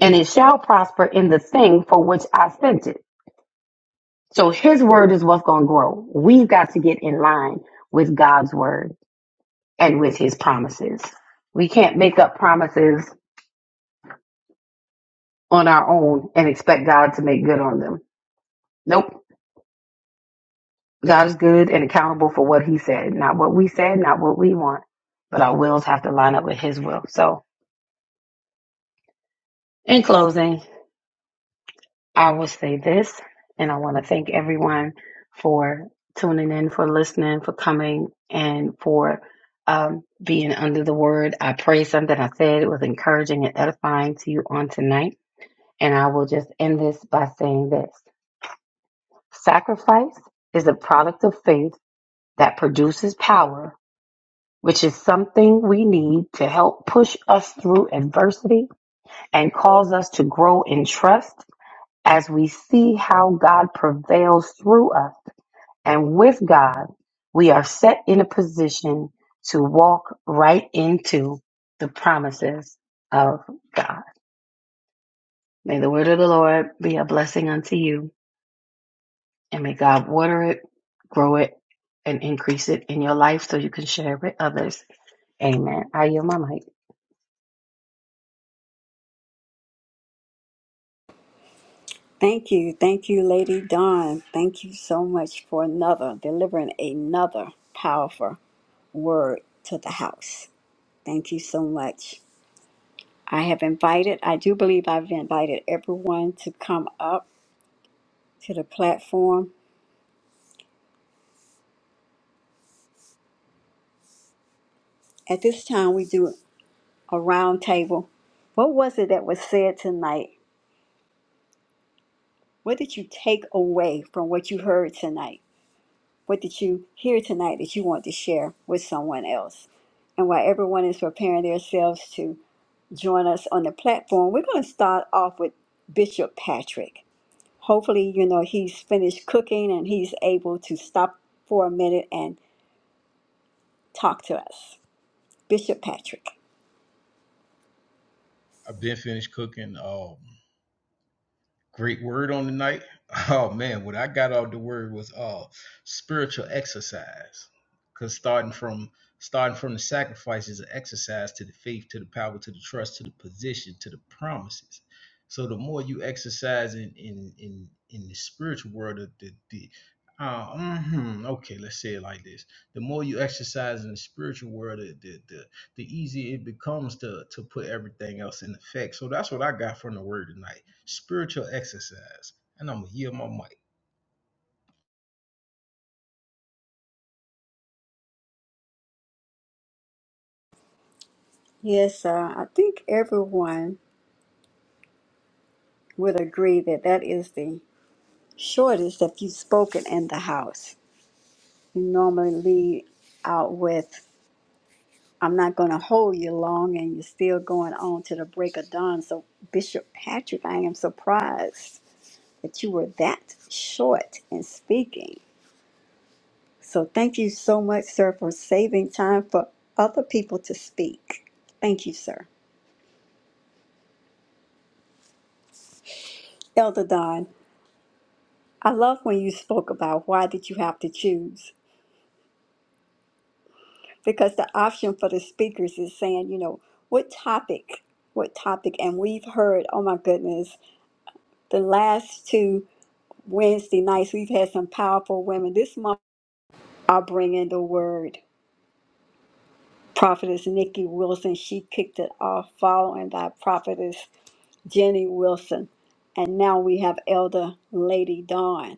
S3: And it shall prosper in the thing for which I sent it. So His word is what's going to grow. We've got to get in line with God's word and with His promises. We can't make up promises on our own and expect God to make good on them. Nope. God is good and accountable for what he said, not what we said, not what we want, but our wills have to line up with his will. So in closing, I will say this, and I want to thank everyone for tuning in, for listening, for coming and for um, being under the word. I pray something I said was encouraging and edifying to you on tonight. And I will just end this by saying this. Sacrifice is a product of faith that produces power, which is something we need to help push us through adversity and cause us to grow in trust as we see how God prevails through us. And with God, we are set in a position to walk right into the promises of God. May the word of the Lord be a blessing unto you, and may God water it, grow it, and increase it in your life so you can share it with others. Amen. I yield my mic.
S1: Thank you. Thank you, Lady Dawn. Thank you so much for another, delivering another powerful word to the house. Thank you so much. I have invited, I do believe I've invited everyone to come up to the platform. At this time, we do a round table. What was it that was said tonight? What did you take away from what you heard tonight? What did you hear tonight that you want to share with someone else? And while everyone is preparing themselves to join us on the platform, we're going to start off with Bishop Patrick. Hopefully, you know, he's finished cooking and he's able to stop for a minute and. talk to us. Bishop Patrick.
S2: I've been finished cooking. Um. Great word on the night. Oh man, what I got out the word was uh spiritual exercise. Cause starting from starting from the sacrifice is an exercise to the faith, to the power, to the trust, to the position, to the promises. So the more you exercise in in in, in the spiritual world, the the, the uh, mhm, okay, let's say it like this: the more you exercise in the spiritual world, the the the, the easier it becomes to to put everything else in effect. So that's what I got from the word tonight spiritual exercise. And I'm gonna yield my mic.
S1: Yes, uh, I think everyone would agree that that is the shortest that you've spoken in the house. You normally lead out with, I'm not going to hold you long, and you're still going on to the break of dawn. So, Bishop Patrick, I am surprised that you were that short in speaking. So, thank you so much, sir, for saving time for other people to speak. Thank you, sir. Elder Don. I love when you spoke about why did you have to choose? Because the option for the speakers is saying, you know, what topic, what topic, and we've heard, oh my goodness, the last two Wednesday nights we've had some powerful women. This month I'll bring in the word. Prophetess Nikki Wilson, she kicked it off following by Prophetess Jenny Wilson. And now we have Elder Lady Dawn.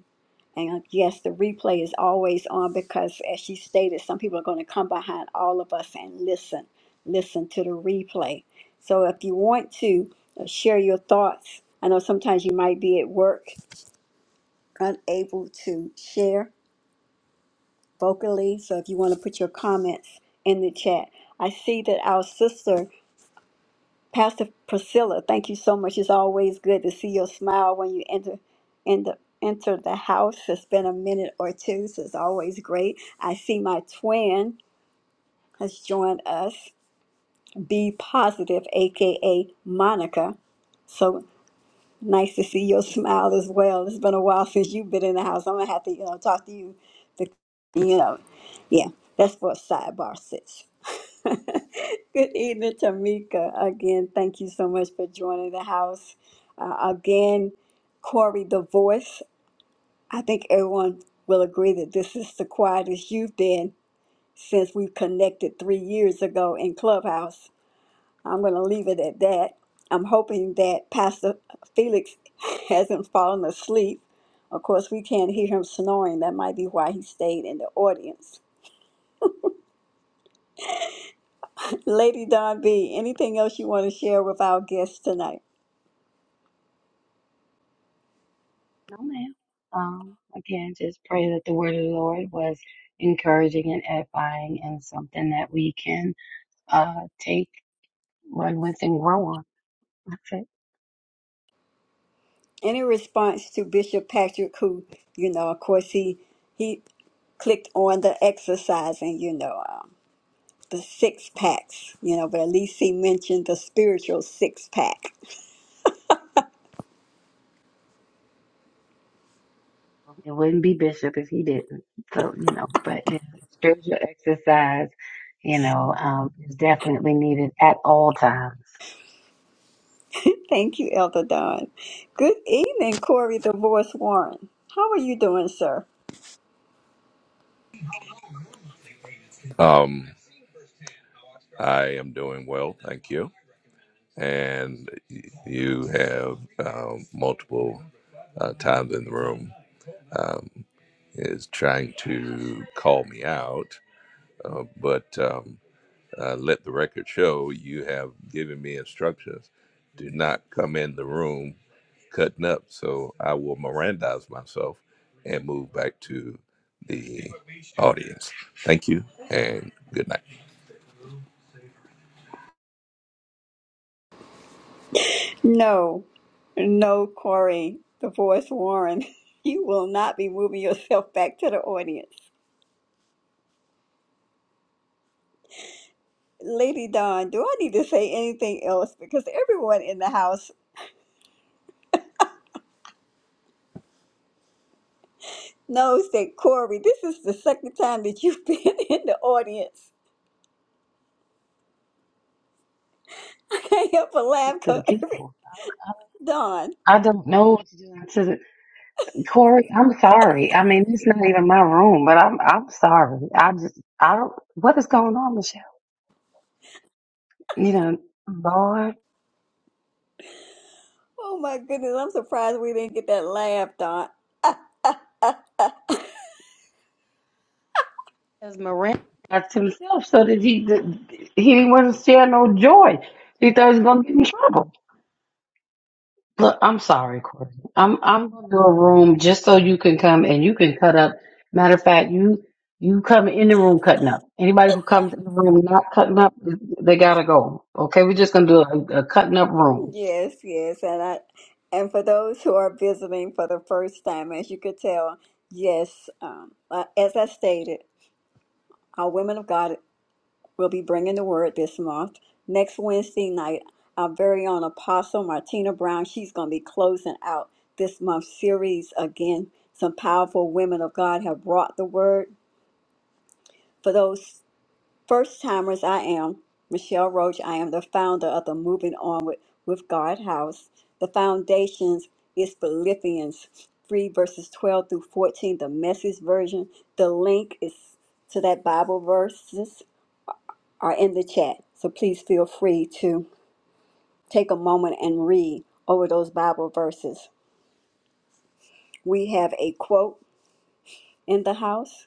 S1: And uh, yes, the replay is always on because, as she stated, some people are going to come behind all of us and listen, listen to the replay. So if you want to uh, share your thoughts, I know sometimes you might be at work, unable to share vocally. So if you want to put your comments in the chat, I see that our sister. Pastor Priscilla, thank you so much. It's always good to see your smile when you enter in enter the house. It's been a minute or two, so it's always great. I see my twin has joined us, Be Positive, aka Monica. So Nice to see your smile as well. It's been a while since you've been in the house. I'm gonna have to, you know, talk to you. To, you know, yeah, that's for a sidebar, sis. Good evening, Tamika. Again, thank you so much for joining the house. Uh, again, Corey, the voice. I think everyone will agree that this is the quietest you've been since we connected three years ago in Clubhouse. I'm going to leave it at that. I'm hoping that Pastor Felix hasn't fallen asleep. Of course, we can't hear him snoring. That might be why he stayed in the audience. Lady Don B., anything else you want to share with our guests tonight?
S3: No, ma'am. Um, again, just pray that the word of the Lord was encouraging and edifying and something that we can uh, take, run with, and grow on. That's it.
S1: Any response to Bishop Patrick, who, you know, of course, he he clicked on the exercise and you know um, the six packs you know but at least he mentioned the spiritual six pack
S3: It wouldn't be Bishop if he didn't. So, you know, but the spiritual exercise, you know, um, is definitely needed at all times
S1: Thank you, Elder Don. Good evening, Corey Divorce Warren. How are you doing, sir?
S4: Um, I am doing well, thank you. And y- you have um, multiple uh, times in the room um, is trying to call me out, uh, but um, uh, let the record show you have given me instructions. Do not come in the room cutting up. So I will Mirandize myself and move back to the audience. Thank you and good night.
S1: No, no, Corey Divorce Warren. You will not be moving yourself back to the audience. Lady Don, do I need to say anything else? Because everyone in the house knows that Corey, this is the second time that you've been in the audience. I can't help but laugh
S3: to the
S1: because every
S3: people.
S1: Don,
S3: I don't know what to do to the Corey. I'm sorry. I mean, it's not even my room, but I'm I'm sorry. I just I don't. What is going on, Michelle? You know, Lord
S1: oh my goodness, I'm surprised we didn't get that laugh, Don.
S3: has Mirandized himself so that he that he wouldn't share no joy. He thought he was gonna get in trouble. Look, I'm sorry, Corey. I'm I'm gonna do a room just so you can come and you can cut up. Matter of fact, you you come in the room cutting up. Anybody who comes in the room not cutting up, they gotta go. Okay, we're just gonna do a, a cutting up room.
S1: Yes, yes, and I, and for those who are visiting for the first time, as you could tell, yes, um, uh, as I stated, our women of God will be bringing the word this month. Next Wednesday night, our very own Apostle Martina Brown, she's going to be closing out this month's series again. Some powerful women of God have brought the word for those. First timers, I am Michelle Roach. I am the founder of the Moving On with, with God House. The foundations is Philippians 3 verses 12 through 14, the message version. The link is to that Bible verses are in the chat. So please feel free to take a moment and read over those Bible verses. We have a quote in the house.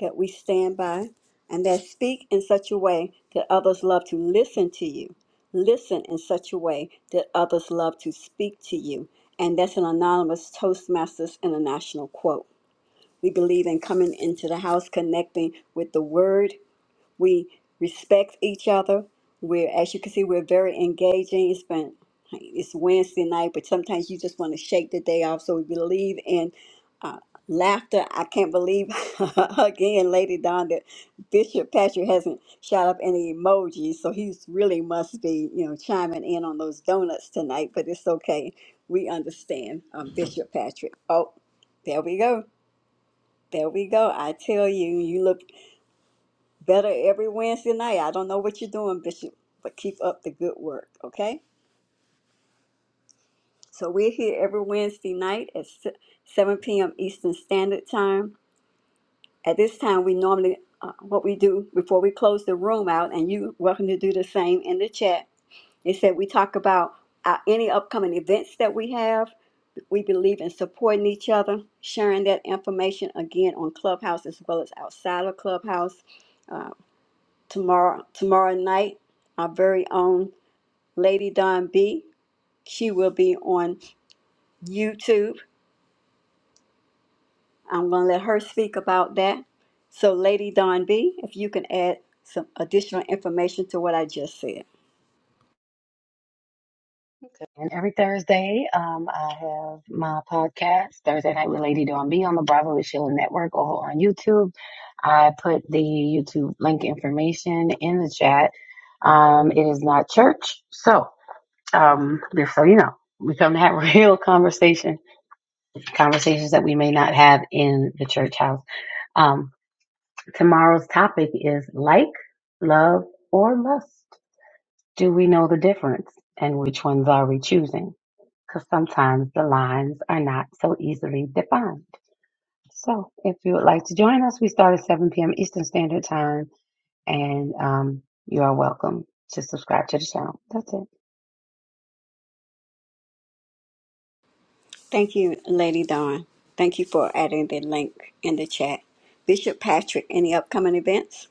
S1: that we stand by and that speak in such a way that others love to listen to you. Listen in such a way that others love to speak to you. And that's an anonymous Toastmasters International quote. We believe in coming into the house, connecting with the word. We respect each other. We're, as you can see, we're very engaging. It's been it's Wednesday night, but sometimes you just want to shake the day off. So we believe in Laughter, I can't believe again, Lady Don, that Bishop Patrick hasn't shot up any emojis, so he's really must be, you know, chiming in on those donuts tonight, but it's okay. We understand, um, Bishop Patrick. Oh, there we go. There we go. I tell you, you look better every Wednesday night. I don't know what you're doing, Bishop, but keep up the good work, okay? So we're here every Wednesday night at se- 7 p.m. Eastern Standard Time At this time, we normally, uh, what we do before we close the room out, and you welcome to do the same in the chat, is that we talk about uh, any upcoming events that we have. We believe in supporting each other, sharing that information again on Clubhouse as well as outside of Clubhouse. Uh, tomorrow, tomorrow night, our very own Lady Don B. She will be on YouTube I'm going to let her speak about that. So, Lady Don B, if you can add some additional information to what I just said.
S3: Okay. And every Thursday, um, I have my podcast, Thursday Night with Lady Dawn B on the Bravo with Sheila Network or on YouTube. I put the YouTube link information in the chat. Um, it is not church. So, um, just so you know, we come to have real conversation conversations that we may not have in the church house. Um, tomorrow's topic is like, love, or lust. Do we know the difference and which ones are we choosing? Because sometimes the lines are not so easily defined. So if you would like to join us, we start at 7 p.m. Eastern Standard Time and um, you are welcome to subscribe to the channel. That's it.
S1: Thank you, Lady Don. Thank you for adding the link in the chat. Bishop Patrick, any upcoming events?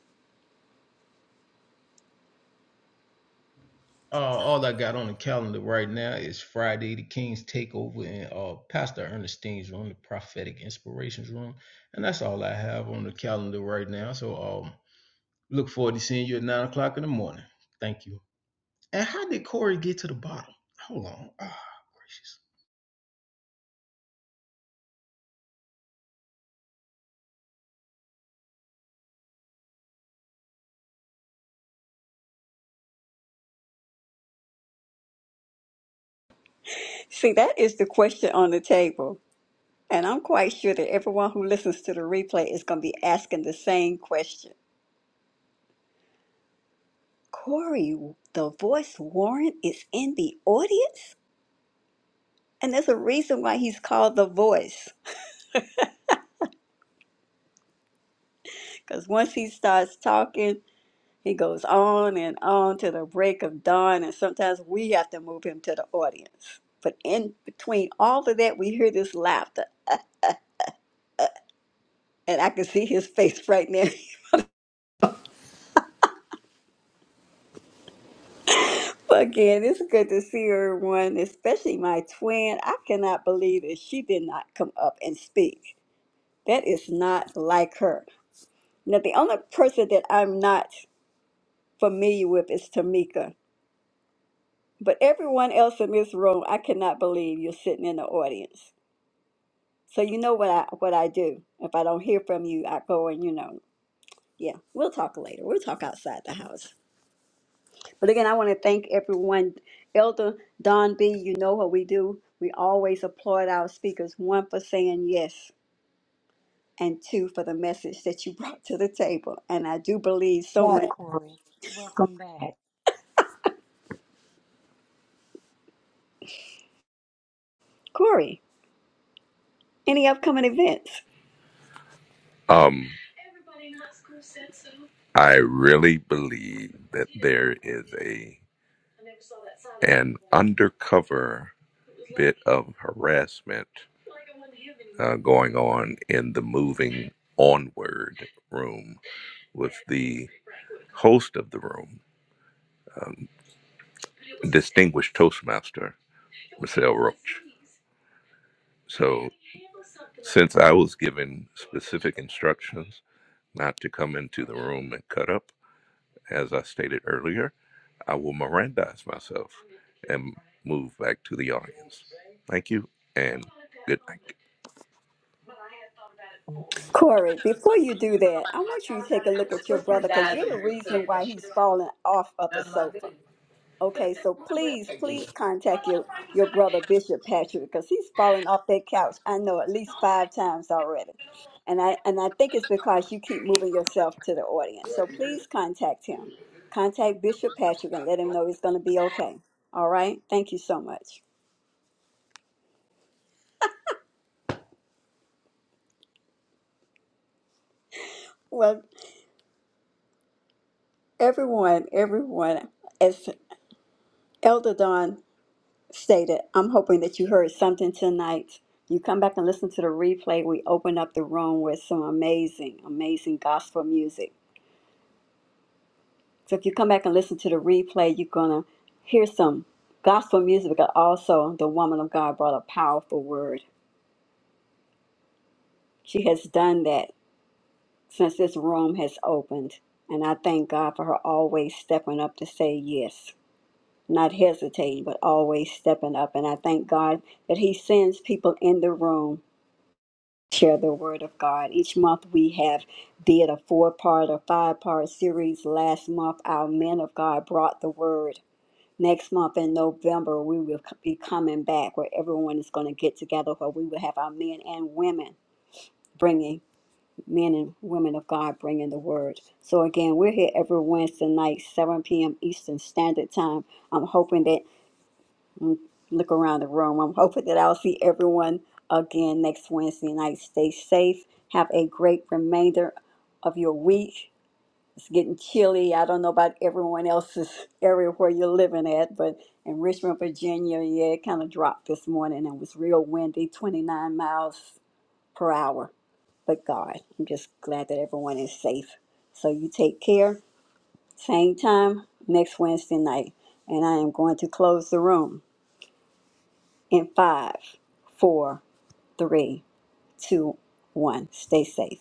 S2: Uh, all I got on the calendar right now is Friday, the King's Takeover, and uh, Pastor Ernestine's room, the Prophetic Inspirations room, and that's all I have on the calendar right now. So, um, look forward to seeing you at nine o'clock in the morning. Thank you. And how did Corey get to the bottom? Hold on. Ah, oh, gracious.
S1: See, that is the question on the table. And I'm quite sure that everyone who listens to the replay is going to be asking the same question. Corey, the voice Warren is in the audience? And there's a reason why he's called the voice. Because once he starts talking, He goes on and on to the break of dawn, and sometimes we have to move him to the audience. But in between all of that, we hear this laughter, and I can see his face right now. But Again, it's good to see everyone, especially my twin. I cannot believe that she did not come up and speak. That is not like her. Now, the only person that I'm not familiar with is Tamika, but everyone else in this room, I cannot believe you're sitting in the audience. So you know what I what I do. If I don't hear from you, I go and you know, yeah, we'll talk later. We'll talk outside the house. But again, I want to thank everyone. Elder Don B, you know what we do. We always applaud our speakers, one for saying yes, and two for the message that you brought to the table. And I do believe
S3: Back,
S1: someone
S3: Corey. Welcome back.
S1: Corey, any upcoming events?
S4: Um, I really believe that there is a an undercover bit of harassment uh, going on in the moving onward room with the host of the room, um, distinguished Toastmaster Michelle Roach. So, since I was given specific instructions not to come into the room and cut up, as I stated earlier. I will Mirandize myself and move back to the audience. Thank you and good
S1: Corey, before you do that, I want you to take a look at your brother because you're the reason why he's falling off of the sofa.
S4: night.
S1: Okay, so please, please contact your, your brother Bishop Patrick because he's fallen off that couch. I know at least five times already. And I and I think it's because you keep moving yourself to the audience. So please contact him. Contact Bishop Patrick and let him know he's gonna be okay. All right? Thank you so much. Well, everyone, everyone, as Elder Don stated, I'm hoping that you heard something tonight. You come back and listen to the replay. We opened up the room with some amazing, amazing gospel music. So if you come back and listen to the replay, you're going to hear some gospel music, but also the woman of God brought a powerful word. She has done that since this room has opened. And I thank God for her always stepping up to say yes, not hesitating, but always stepping up. And I thank God that He sends people in the room share the word of God. Each month we have did a four-part or five-part series. Last month our men of God brought the word. Next month in November we will c- be coming back where everyone is going to get together where we will have our men and women bringing men and women of God bringing the word. So again, we're here every Wednesday night, 7 p.m. Eastern Standard Time. I'm hoping that look around the room. I'm hoping that I'll see everyone again next Wednesday night. Stay safe. Have a great remainder of your week. It's getting chilly. I don't know about everyone else's area where you're living at, but in Richmond, Virginia, yeah, it kind of dropped this morning and was real windy, 29 miles per hour. But God, I'm just glad that everyone is safe. So you take care. Same time next Wednesday night. And I am going to close the room in five, four, three, two, one. Stay safe.